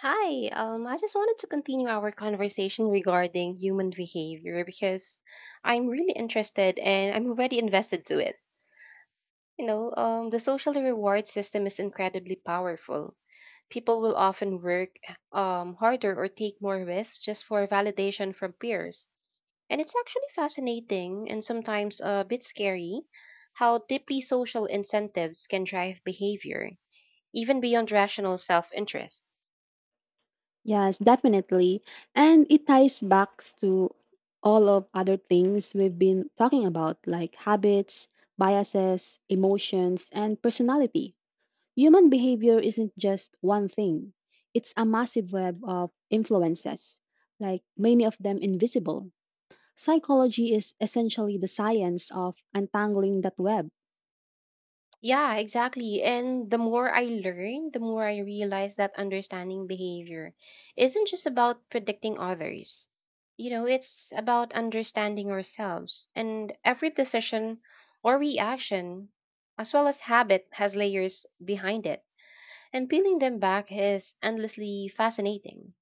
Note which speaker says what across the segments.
Speaker 1: Hi, I just wanted to continue our conversation regarding human behavior because I'm really interested and I'm already invested to it. The social reward system is incredibly powerful. People will often work harder or take more risks just for validation from peers. And it's actually fascinating and sometimes a bit scary how deeply social incentives can drive behavior, even beyond rational self interest.
Speaker 2: Yes, definitely. And it ties back to all of other things we've been talking about, like habits, biases, emotions, and personality. Human behavior isn't just one thing, it's a massive web of influences,
Speaker 1: It
Speaker 2: like many of them invisible. Psychology is essentially the science of untangling that web.
Speaker 1: Yeah, exactly. And the more I learn, the more I realize that understanding behavior isn't just about predicting others. You know, it's about understanding ourselves. And every decision or reaction, as well as habit, has layers behind it. And peeling them back is endlessly fascinating.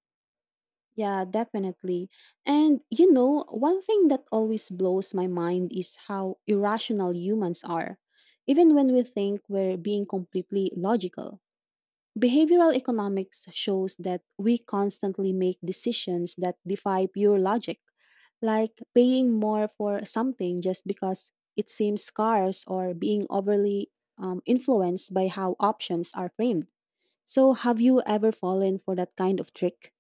Speaker 2: Yeah, definitely. And you know, one thing that always blows my mind is how irrational humans are, even when we think we're being completely logical. Behavioral economics shows that we constantly make decisions that defy pure logic, like paying more for something just because it seems scarce or being overly influenced by how options are framed. So, have you ever fallen for that kind of trick?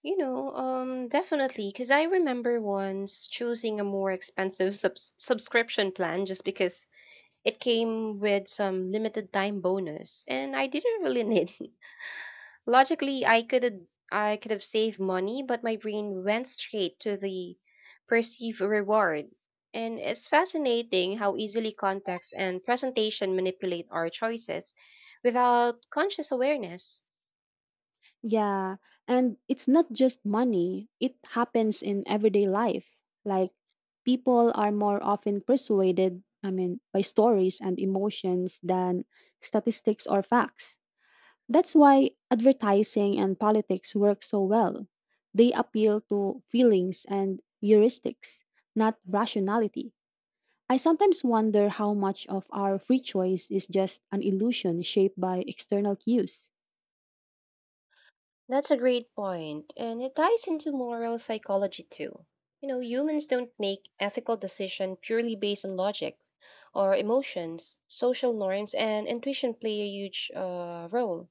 Speaker 1: Definitely, because I remember once choosing a more expensive subscription plan just because it came with some limited time bonus and I didn't really need it. Logically, I could have saved money, but my brain went straight to the perceived reward. And it's fascinating how easily context and presentation manipulate our choices without conscious awareness.
Speaker 2: Yeah, and it's not just money, it happens in everyday life. Like people are more often persuaded, I mean, by stories and emotions than statistics or facts. That's why advertising and politics work so well. They appeal to feelings and heuristics, not rationality. I sometimes wonder how much of our free choice is just an illusion shaped by external cues.
Speaker 1: That's a great point, and it ties into moral psychology too. You know, humans don't make ethical decisions purely based on logic or emotions. Social norms and intuition play a huge role.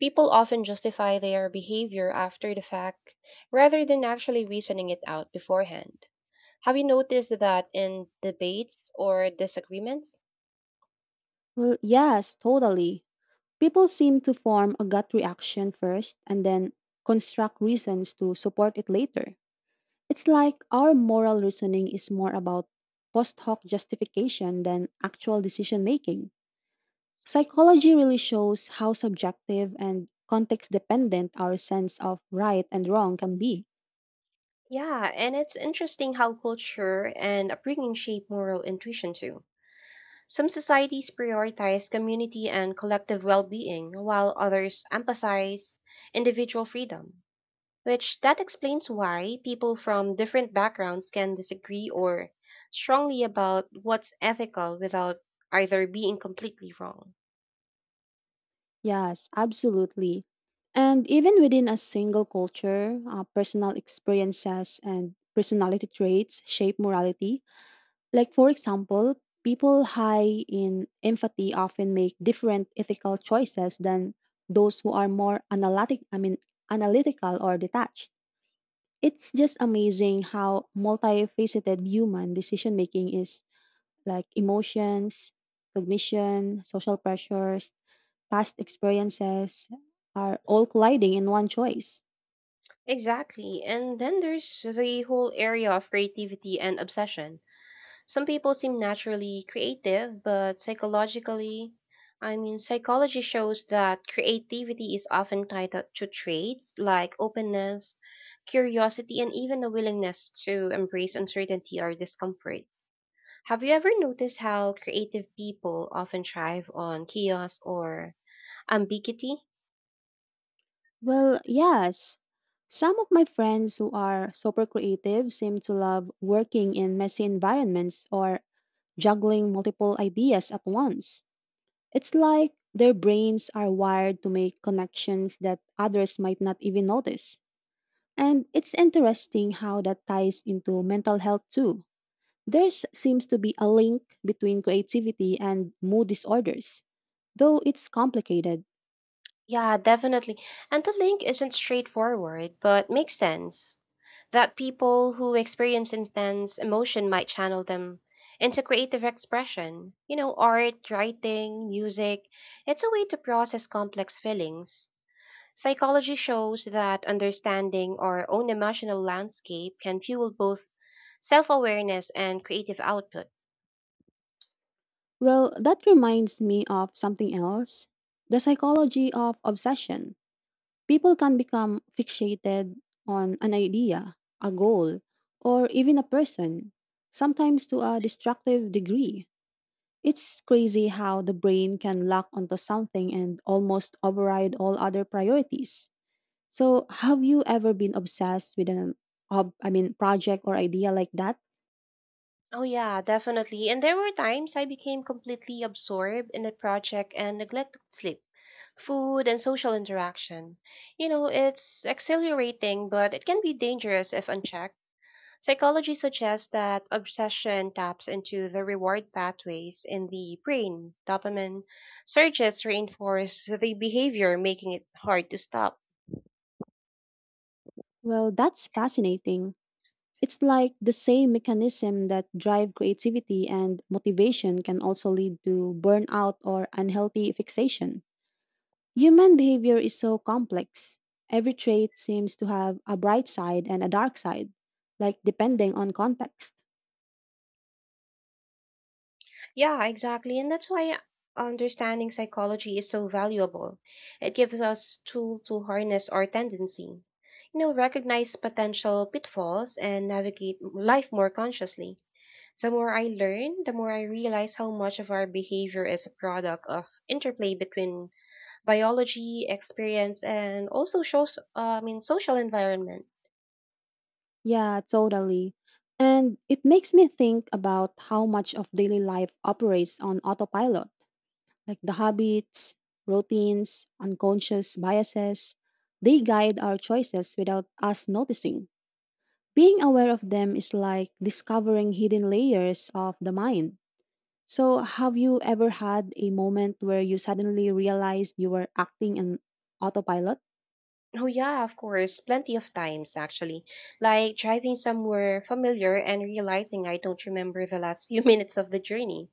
Speaker 1: People often justify their behavior after the fact rather than actually reasoning it out beforehand. Have you noticed that in debates or disagreements?
Speaker 2: Well, yes, totally. People seem to form a gut reaction first and then construct reasons to support it later. It's like our moral reasoning is more about post hoc justification than actual decision making. Psychology really shows how subjective and context dependent our sense of right and wrong can be.
Speaker 1: Yeah, and it's interesting how culture and upbringing shape moral intuition too. Some societies prioritize community and collective well-being, while others emphasize individual freedom, which that explains why people from different backgrounds can disagree or strongly about what's ethical without either being completely wrong.
Speaker 2: Yes, absolutely. And even within a single culture, personal experiences and personality traits shape morality. Like, for example, people high in empathy often make different ethical choices than those who are more analytical or detached. It's just amazing how multifaceted human decision making is, like emotions, cognition, social pressures, past experiences are all colliding in one choice.
Speaker 1: Exactly. And then there's the whole area of creativity and obsession. Some people seem naturally creative, but psychology shows that creativity is often tied to traits like openness, curiosity, and even a willingness to embrace uncertainty or discomfort. Have you ever noticed how creative people often thrive on chaos or ambiguity?
Speaker 2: Well, yes. Some of my friends who are super creative seem to love working in messy environments or juggling multiple ideas at once. It's like their brains are wired to make connections that others might not even notice. And it's interesting how that ties into mental health too. There seems to be a link between creativity and mood disorders, though it's complicated.
Speaker 1: Yeah, definitely. And the link isn't straightforward, but makes sense that people who experience intense emotion might channel them into creative expression. You know, art, writing, music. It's a way to process complex feelings. Psychology shows that understanding our own emotional landscape can fuel both self awareness and creative output.
Speaker 2: Well, that reminds me of something else, the psychology of obsession. People can become fixated on an idea, a goal, or even a person, sometimes to a destructive degree. It's crazy how the brain can lock onto something and almost override all other priorities. So, have you ever been obsessed with an project or idea like that?
Speaker 1: Oh, yeah, definitely. And there were times I became completely absorbed in a project and neglected sleep, food and social interaction. You know, it's exhilarating, but it can be dangerous if unchecked. Psychology suggests that obsession taps into the reward pathways in the brain. Dopamine surges reinforce the behavior, making it hard to stop.
Speaker 2: Well, that's fascinating. It's like the same mechanism that drive creativity and motivation can also lead to burnout or unhealthy fixation. Human behavior is so complex. Every trait seems to have a bright side and a dark side, like depending on context.
Speaker 1: Yeah, exactly. And that's why understanding psychology is so valuable. It gives us tool to harness our tendency, you know, recognize potential pitfalls and navigate life more consciously. The more I learn, the more I realize how much of our behavior is a product of interplay between biology, experience, and also shows, I mean, social environment.
Speaker 2: Yeah, totally. And it makes me think about how much of daily life operates on autopilot, like the habits, routines, unconscious biases. They guide our choices without us noticing. Being aware of them is like discovering hidden layers of the mind. So, have you ever had a moment where you suddenly realized you were acting in autopilot?
Speaker 1: Oh, yeah, of course, plenty of times actually. Like driving somewhere familiar and realizing I don't remember the last few minutes of the journey.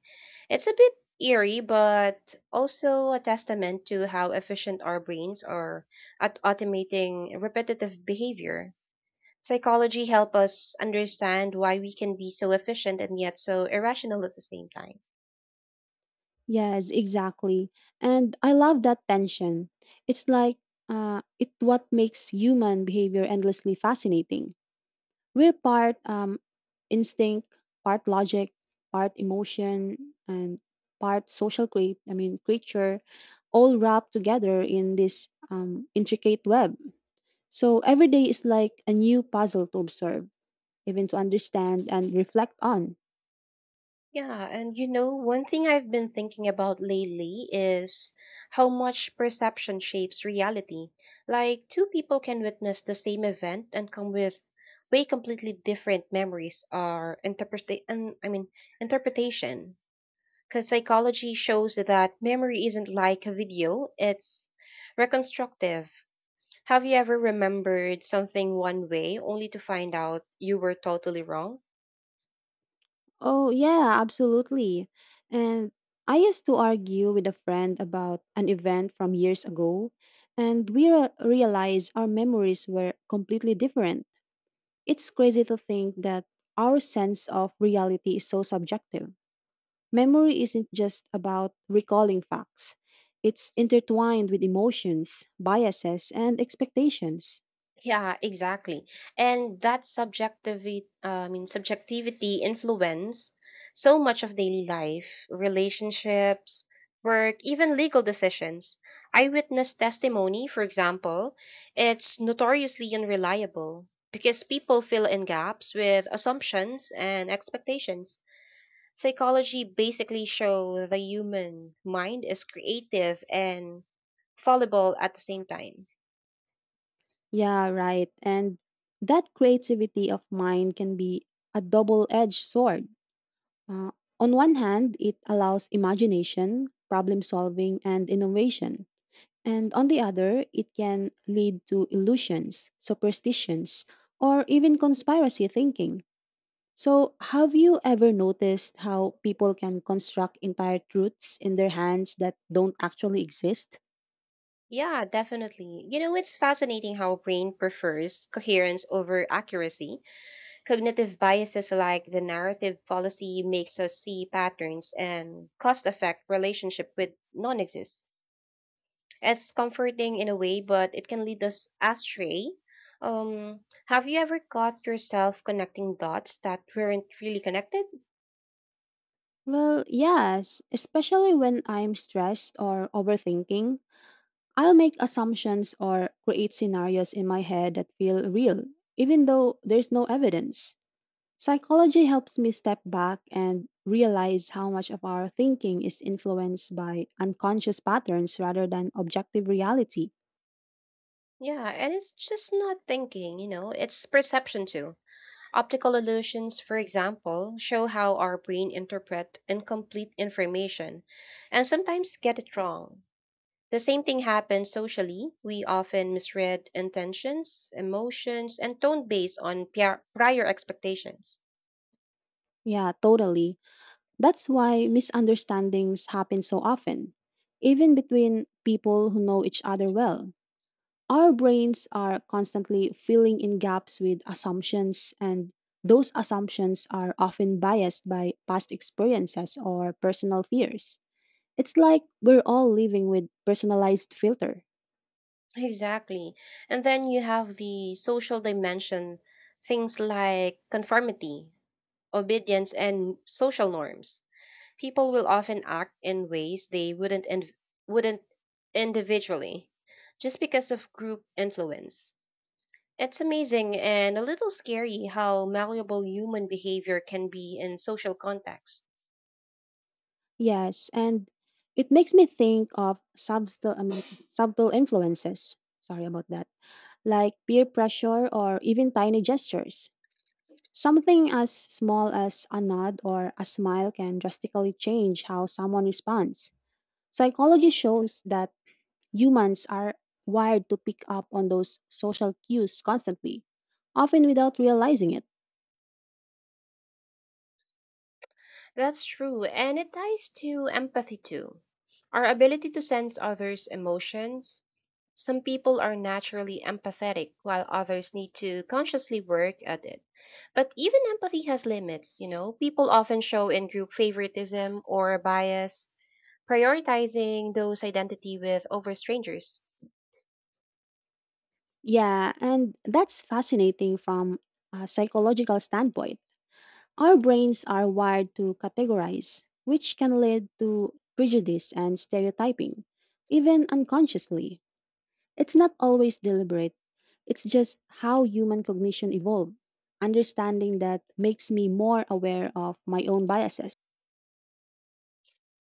Speaker 1: It's a bit eerie, but also a testament to how efficient our brains are at automating repetitive behavior. Psychology help us understand why we can be so efficient and yet so irrational at the same time.
Speaker 2: Yes, exactly. And I love that tension. It's like it what makes human behavior endlessly fascinating. We're part instinct, part logic, part emotion, and part social cre- I mean creature, all wrapped together in this intricate web. So every day is like a new puzzle to observe, even to understand and reflect on.
Speaker 1: Yeah, and you know, one thing I've been thinking about lately is how much perception shapes reality. Like, two people can witness the same event and come with way completely different memories or interpretation. Because psychology shows that memory isn't like a video, it's reconstructive. Have you ever remembered something one way only to find out you were totally wrong?
Speaker 2: Oh yeah, absolutely. And I used to argue with a friend about an event from years ago, and realized our memories were completely different. It's crazy to think that our sense of reality is so subjective. Memory isn't just about recalling facts, it's intertwined with emotions, biases, and expectations.
Speaker 1: Yeah, exactly. And that subjectivity influence so much of daily life, relationships, work, even legal decisions. Eyewitness testimony, for example, it's notoriously unreliable because people fill in gaps with assumptions and expectations. Psychology basically show the human mind is creative and fallible at the same time.
Speaker 2: Yeah, right. And that creativity of mind can be a double edged sword. Uh, on one hand, it allows imagination, problem solving, and innovation. And on the other, it can lead to illusions, superstitions, or even conspiracy thinking. So, have you ever noticed how people can construct entire truths in their hands that don't actually exist?
Speaker 1: Yeah, definitely. You know, it's fascinating how brain prefers coherence over accuracy. Cognitive biases like the narrative policy makes us see patterns and cause effect relationship with non exist. It's comforting in a way, but it can lead us astray. Have you ever caught yourself connecting dots that weren't really connected?
Speaker 2: Well, yes, especially when I'm stressed or overthinking. I'll make assumptions or create scenarios in my head that feel real, even though there's no evidence. Psychology helps me step back and realize how much of our thinking is influenced by unconscious patterns rather than objective reality.
Speaker 1: Yeah, and it's just not thinking, you know, it's perception too. Optical illusions, for example, show how our brain interpret incomplete information and sometimes get it wrong. The same thing happens socially. We often misread intentions, emotions, and tone based on prior expectations.
Speaker 2: Yeah, totally. That's why misunderstandings happen so often, even between people who know each other well. Our brains are constantly filling in gaps with assumptions, and those assumptions are often biased by past experiences or personal fears. It's like we're all living with personalized filter.
Speaker 1: Exactly. And then you have the social dimension, things like conformity, obedience, and social norms. People will often act in ways they wouldn't individually just because of group influence. It's amazing and a little scary how malleable human behavior can be in social contexts.
Speaker 2: Yes, and it makes me think of subtle influences. Sorry about that. Like peer pressure or even tiny gestures. Something as small as a nod or a smile can drastically change how someone responds. Psychology shows that humans are wired to pick up on those social cues constantly, often without realizing it.
Speaker 1: That's true, and it ties to empathy too. Our ability to sense others' emotions. Some people are naturally empathetic, while others need to consciously work at it. But even empathy has limits, you know? People often show in group favoritism or bias, prioritizing those identity with over strangers.
Speaker 2: Yeah, and that's fascinating from a psychological standpoint. Our brains are wired to categorize, which can lead to prejudice and stereotyping, even unconsciously. It's not always deliberate, it's just how human cognition evolved. Understanding that makes me more aware of my own biases.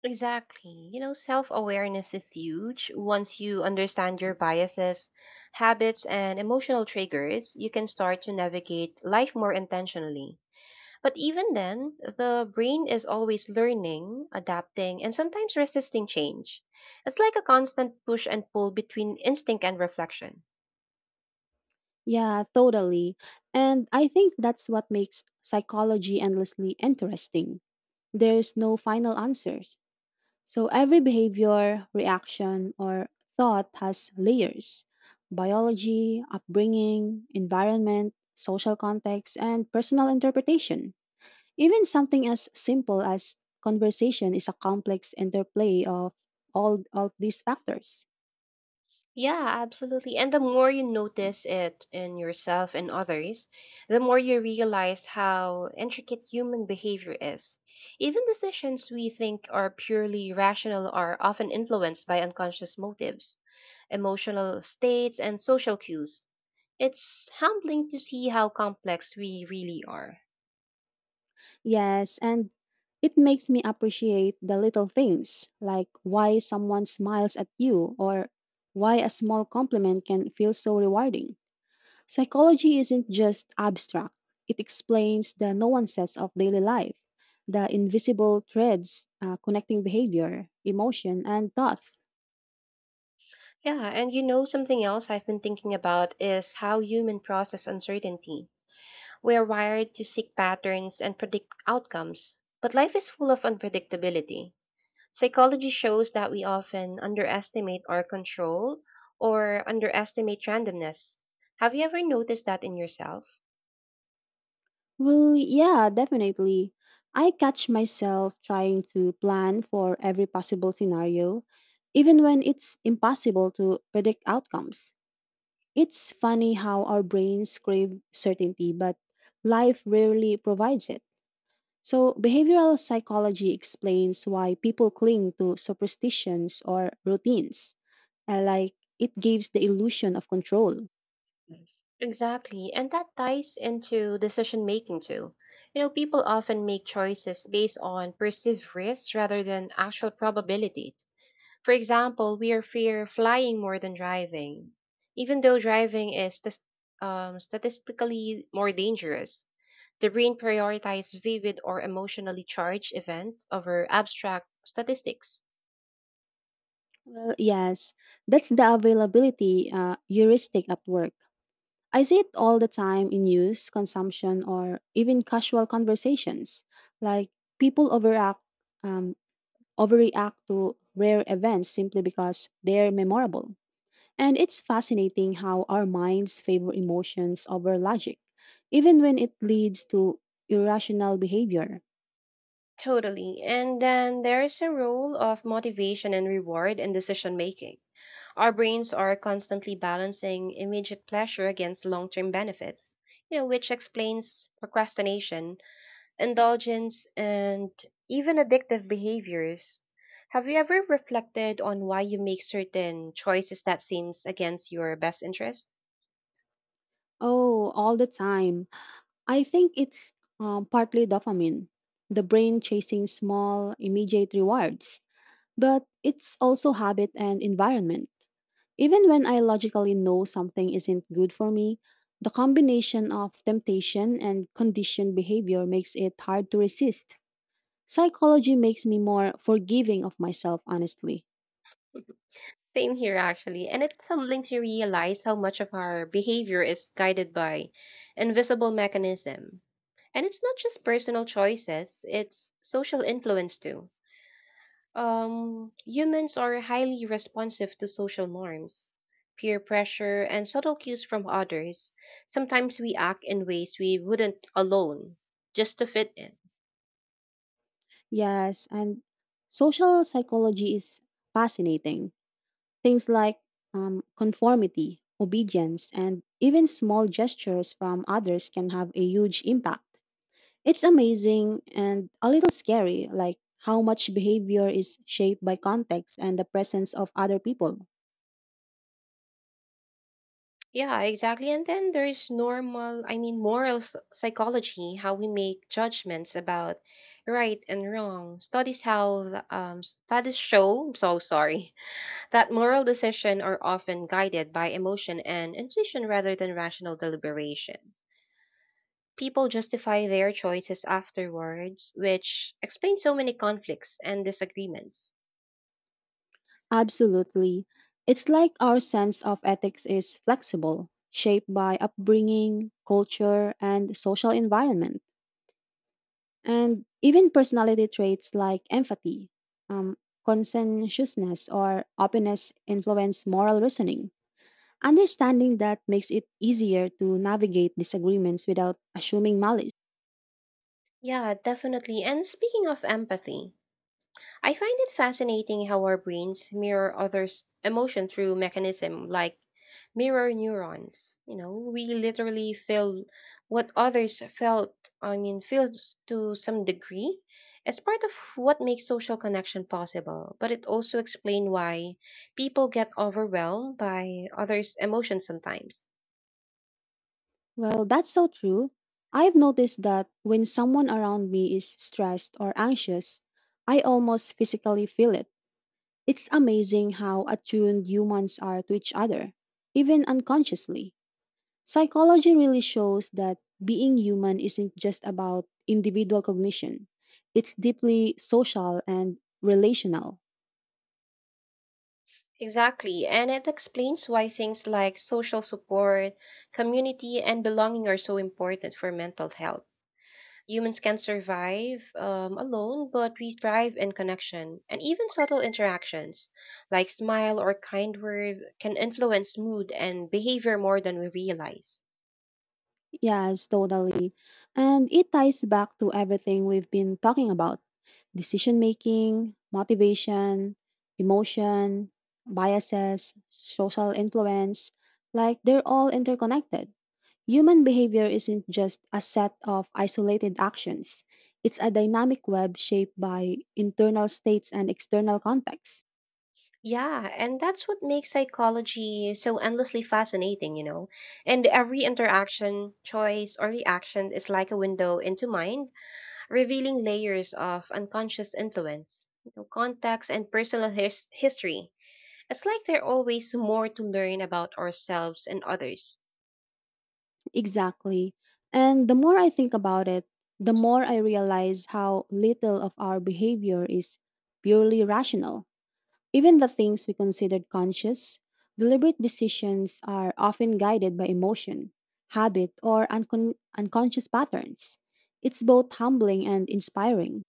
Speaker 1: Exactly. You know, self awareness is huge. Once you understand your biases, habits, and emotional triggers, you can start to navigate life more intentionally. But even then, the brain is always learning, adapting, and sometimes resisting change. It's like a constant push and pull between instinct and reflection.
Speaker 2: Yeah, totally. And I think that's what makes psychology endlessly interesting. There's no final answers. So every behavior, reaction, or thought has layers, biology, upbringing, environment, social context, and personal interpretation. Even something as simple as conversation is a complex interplay of all of these factors.
Speaker 1: Yeah, absolutely. And the more you notice it in yourself and others, the more you realize how intricate human behavior is. Even decisions we think are purely rational are often influenced by unconscious motives, emotional states, and social cues. It's humbling to see how complex we really are.
Speaker 2: Yes, and it makes me appreciate the little things like why someone smiles at you or why a small compliment can feel so rewarding. Psychology isn't just abstract, it explains the nuances of daily life, the invisible threads connecting behavior, emotion, and thought.
Speaker 1: Yeah, and you know, something else I've been thinking about is how human process uncertainty. We're wired to seek patterns and predict outcomes, but life is full of unpredictability. Psychology shows that we often underestimate our control or underestimate randomness. Have you ever noticed that in yourself?
Speaker 2: Well, yeah, definitely. I catch myself trying to plan for every possible scenario, even when it's impossible to predict outcomes. It's funny how our brains crave certainty, but life rarely provides it. So, behavioral psychology explains why people cling to superstitions or routines, like it gives the illusion of control.
Speaker 1: Exactly, and that ties into decision making too. You know, people often make choices based on perceived risks rather than actual probabilities. For example, we are fear flying more than driving, even though driving is statistically more dangerous. The brain prioritizes vivid or emotionally charged events over abstract statistics.
Speaker 2: Well, yes, that's the availability heuristic at work. I see it all the time in use, consumption, or even casual conversations. Like people um, overreact to rare events simply because they're memorable. And it's fascinating how our minds favor emotions over logic, even when it leads to irrational behavior.
Speaker 1: Totally. And then there's a role of motivation and reward in decision making. Our brains are constantly balancing immediate pleasure against long term benefits, you know, which explains procrastination indulgence, and even addictive behaviors. Have you ever reflected on why you make certain choices that seems against your best interest?
Speaker 2: Oh, all the time. I think it's partly dopamine, the brain chasing small, immediate rewards, but it's also habit and environment. Even when I logically know something isn't good for me, the combination of temptation and conditioned behavior makes it hard to resist. Psychology makes me more forgiving of myself, honestly.
Speaker 1: Same here actually, and it's humbling to realize how much of our behavior is guided by invisible mechanism. And it's not just personal choices, it's social influence too. Humans are highly responsive to social norms, peer pressure, and subtle cues from others. Sometimes we act in ways we wouldn't alone, just to fit in.
Speaker 2: Yes, and social psychology is fascinating. Things like conformity, obedience, and even small gestures from others can have a huge impact. It's amazing and a little scary, like how much behavior is shaped by context and the presence of other people.
Speaker 1: Yeah, exactly. And then there's moral psychology, how we make judgments about right and wrong. Studies show, I'm so sorry, that moral decisions are often guided by emotion and intuition rather than rational deliberation. People justify their choices afterwards, which explains so many conflicts and disagreements.
Speaker 2: Absolutely. It's like our sense of ethics is flexible, shaped by upbringing, culture, and social environment, and even personality traits like empathy, um, conscientiousness, or openness influence moral reasoning. Understanding that makes it easier to navigate disagreements without assuming malice.
Speaker 1: Yeah, definitely. And speaking of empathy, I find it fascinating how our brains mirror others' emotion through mechanism like mirror neurons. You know, we literally feel what others feel to some degree. It's part of what makes social connection possible, but it also explains why people get overwhelmed by others' emotions sometimes.
Speaker 2: Well, that's so true. I've noticed that when someone around me is stressed or anxious, I almost physically feel it. It's amazing how attuned humans are to each other, even unconsciously. Psychology really shows that being human isn't just about individual cognition, it's deeply social and relational.
Speaker 1: Exactly, and it explains why things like social support, community, and belonging are so important for mental health. Humans can survive alone, but we thrive in connection. And even subtle interactions, like smile or kind word, can influence mood and behavior more than we realize.
Speaker 2: Yes, totally. And it ties back to everything we've been talking about, decision making, motivation, emotion, biases, social influence. Like they're all interconnected. Human behavior isn't just a set of isolated actions. It's a dynamic web shaped by internal states and external contexts.
Speaker 1: Yeah, and that's what makes psychology so endlessly fascinating, you know. And every interaction, choice, or reaction is like a window into mind, revealing layers of unconscious influence, you know, context, and personal history. It's like there's always more to learn about ourselves and others.
Speaker 2: Exactly. And the more I think about it, the more I realize how little of our behavior is purely rational. Even the things we considered conscious, deliberate decisions are often guided by emotion, habit, or unconscious patterns. It's both humbling and inspiring.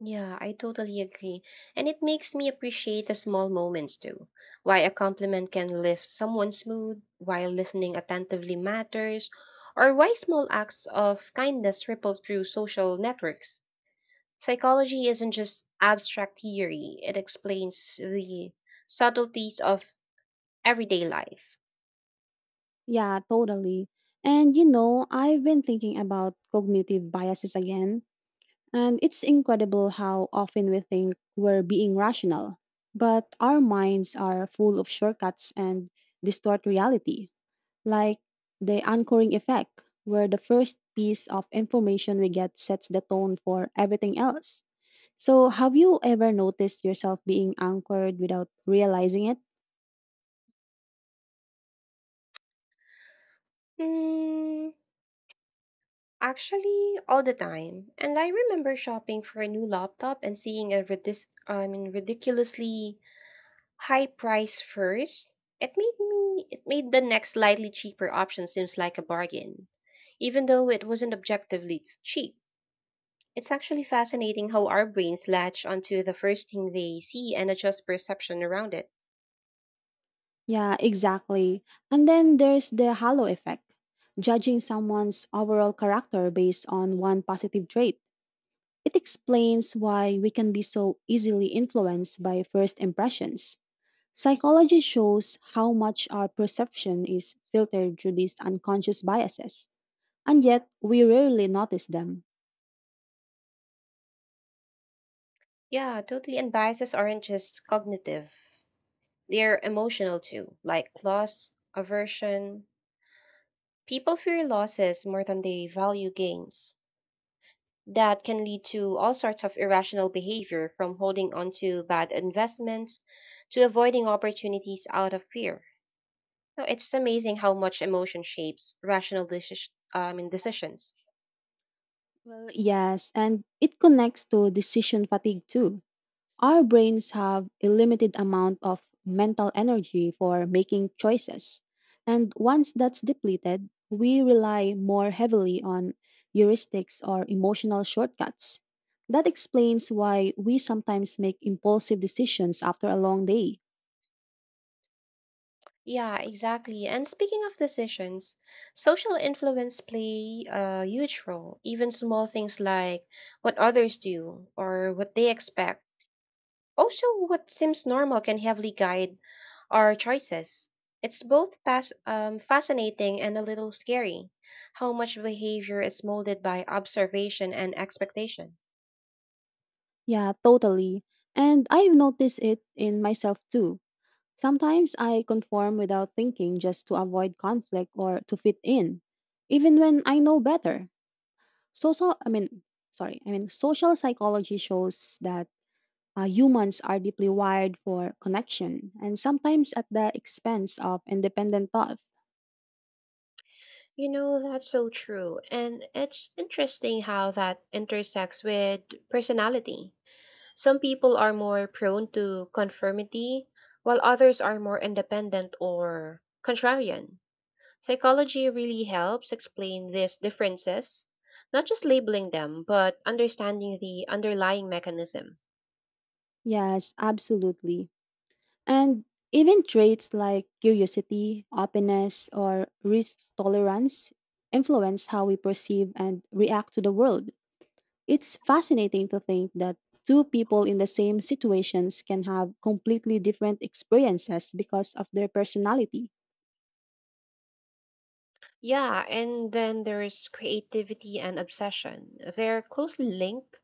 Speaker 1: Yeah, I totally agree. And it makes me appreciate the small moments too. Why a compliment can lift someone's mood, while listening attentively matters, or why small acts of kindness ripple through social networks. Psychology isn't just abstract theory, it explains the subtleties of everyday life.
Speaker 2: Yeah, totally. And you know, I've been thinking about cognitive biases again, and it's incredible how often we think we're being rational, but our minds are full of shortcuts and distort reality, like the anchoring effect, where the first piece of information we get sets the tone for everything else. So, have you ever noticed yourself being anchored without realizing it?
Speaker 1: Hmm, actually, all the time. And I remember shopping for a new laptop and seeing a ridiculously high price first, it made the next slightly cheaper option seems like a bargain. Even though it wasn't objectively cheap. It's actually fascinating how our brains latch onto the first thing they see and adjust perception around it.
Speaker 2: Yeah, exactly. And then there's the halo effect. Judging someone's overall character based on one positive trait. It explains why we can be so easily influenced by first impressions. Psychology shows how much our perception is filtered through these unconscious biases, and yet we rarely notice them.
Speaker 1: Yeah, totally. And biases aren't just cognitive. They're emotional too, like loss, aversion. People fear losses more than they value gains. That can lead to all sorts of irrational behavior from holding on to bad investments to avoiding opportunities out of fear. So it's amazing how much emotion shapes rational decisions.
Speaker 2: Well, yes, and it connects to decision fatigue too. Our brains have a limited amount of mental energy for making choices. And once that's depleted, we rely more heavily on heuristics or emotional shortcuts. That explains why we sometimes make impulsive decisions after a long day.
Speaker 1: Yeah, exactly. And speaking of decisions, social influence play a huge role. Even small things like what others do or what they expect. Also, what seems normal can heavily guide our choices. It's both fascinating and a little scary how much behavior is molded by observation and expectation.
Speaker 2: Yeah, totally. And I've noticed it in myself too. Sometimes I conform without thinking just to avoid conflict or to fit in, even when I know better. Social, I mean, sorry, I mean, Social psychology shows that humans are deeply wired for connection and sometimes at the expense of independent thought.
Speaker 1: You know, that's so true. And it's interesting how that intersects with personality. Some people are more prone to conformity, while others are more independent or contrarian. Psychology really helps explain these differences, not just labeling them, but understanding the underlying mechanism.
Speaker 2: Yes, absolutely. And even traits like curiosity, openness, or risk tolerance influence how we perceive and react to the world. It's fascinating to think that two people in the same situations can have completely different experiences because of their personality.
Speaker 1: Yeah, and then there's creativity and obsession. They're closely linked.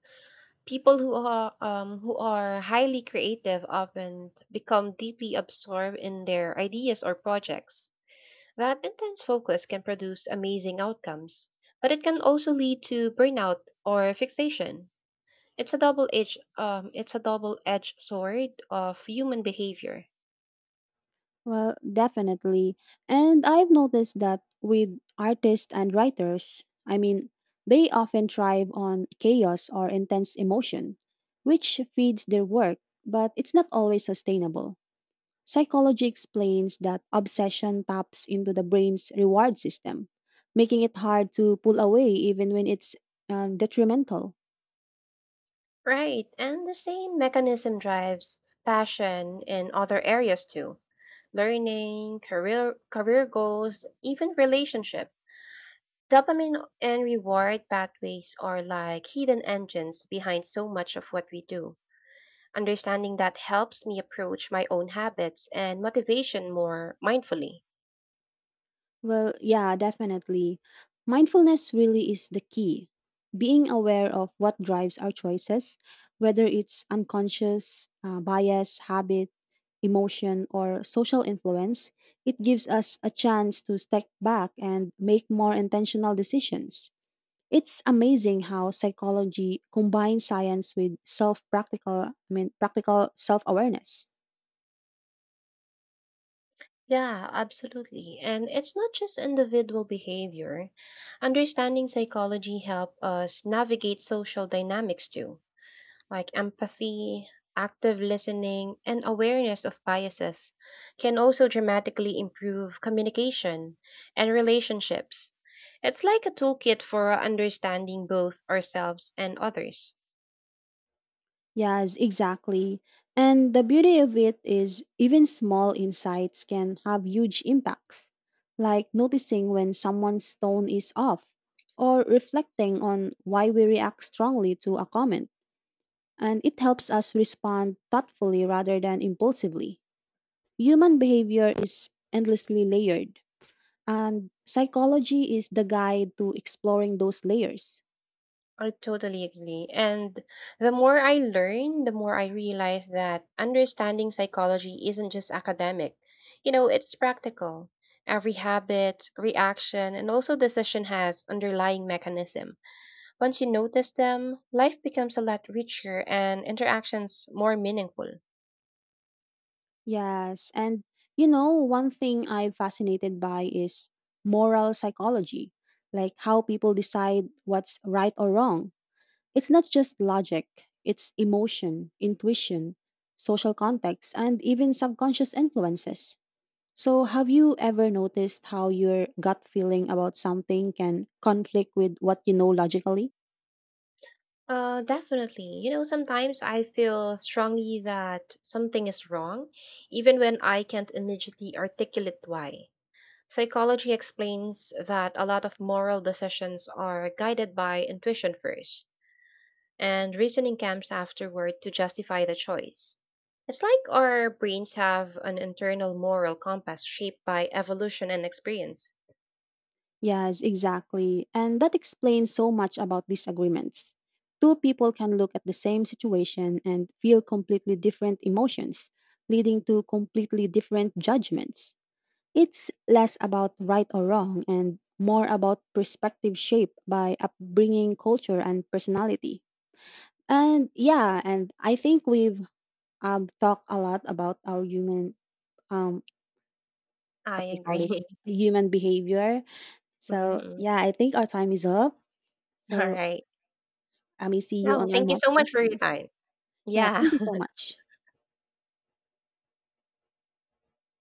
Speaker 1: People who are highly creative often become deeply absorbed in their ideas or projects. That intense focus can produce amazing outcomes, but it can also lead to burnout or fixation. It's a double-edged sword of human behavior.
Speaker 2: Well, definitely. And I've noticed that with artists and writers, I mean, they often thrive on chaos or intense emotion, which feeds their work, but it's not always sustainable. Psychology explains that obsession taps into the brain's reward system, making it hard to pull away even when it's detrimental.
Speaker 1: Right, and the same mechanism drives passion in other areas too. Learning, career goals, even relationships. Dopamine and reward pathways are like hidden engines behind so much of what we do. Understanding that helps me approach my own habits and motivation more mindfully.
Speaker 2: Well, yeah, definitely. Mindfulness really is the key. Being aware of what drives our choices, whether it's unconscious, bias, habit, emotion, or social influence, it gives us a chance to step back and make more intentional decisions. It's amazing how psychology combines science with practical self-awareness.
Speaker 1: Yeah, absolutely. And it's not just individual behavior. Understanding psychology help us navigate social dynamics too. Like empathy, active listening, and awareness of biases can also dramatically improve communication and relationships. It's like a toolkit for understanding both ourselves and others.
Speaker 2: Yes, exactly. And the beauty of it is, even small insights can have huge impacts, like noticing when someone's tone is off, or reflecting on why we react strongly to a comment. And it helps us respond thoughtfully rather than impulsively. Human behavior is endlessly layered, and psychology is the guide to exploring those layers.
Speaker 1: I totally agree. And the more I learn, the more I realize that understanding psychology isn't just academic. You know, it's practical. Every habit, reaction, and also decision has underlying mechanism. Once you notice them, life becomes a lot richer and interactions more meaningful.
Speaker 2: Yes. And you know, one thing I'm fascinated by is moral psychology, like how people decide what's right or wrong. It's not just logic, it's emotion, intuition, social context, and even subconscious influences. So, have you ever noticed how your gut feeling about something can conflict with what you know logically?
Speaker 1: Definitely. You know, sometimes I feel strongly that something is wrong, even when I can't immediately articulate why. Psychology explains that a lot of moral decisions are guided by intuition first, and reasoning comes afterward to justify the choice. It's like our brains have an internal moral compass shaped by evolution and experience.
Speaker 2: Yes, exactly. And that explains so much about disagreements. Two people can look at the same situation and feel completely different emotions, leading to completely different judgments. It's less about right or wrong and more about perspective shaped by upbringing, culture, and personality. And yeah, and I think we've talked a lot about our um,
Speaker 1: I
Speaker 2: what we call this,
Speaker 1: agree.
Speaker 2: human behavior. So
Speaker 1: Mhm.
Speaker 2: yeah, I think our time is up. So
Speaker 1: Alright.
Speaker 2: I may see you
Speaker 1: Well,
Speaker 2: on our
Speaker 1: thank you so
Speaker 2: next
Speaker 1: much for your
Speaker 2: session.
Speaker 1: time.
Speaker 2: Yeah,
Speaker 1: Yeah.
Speaker 2: thank you so much.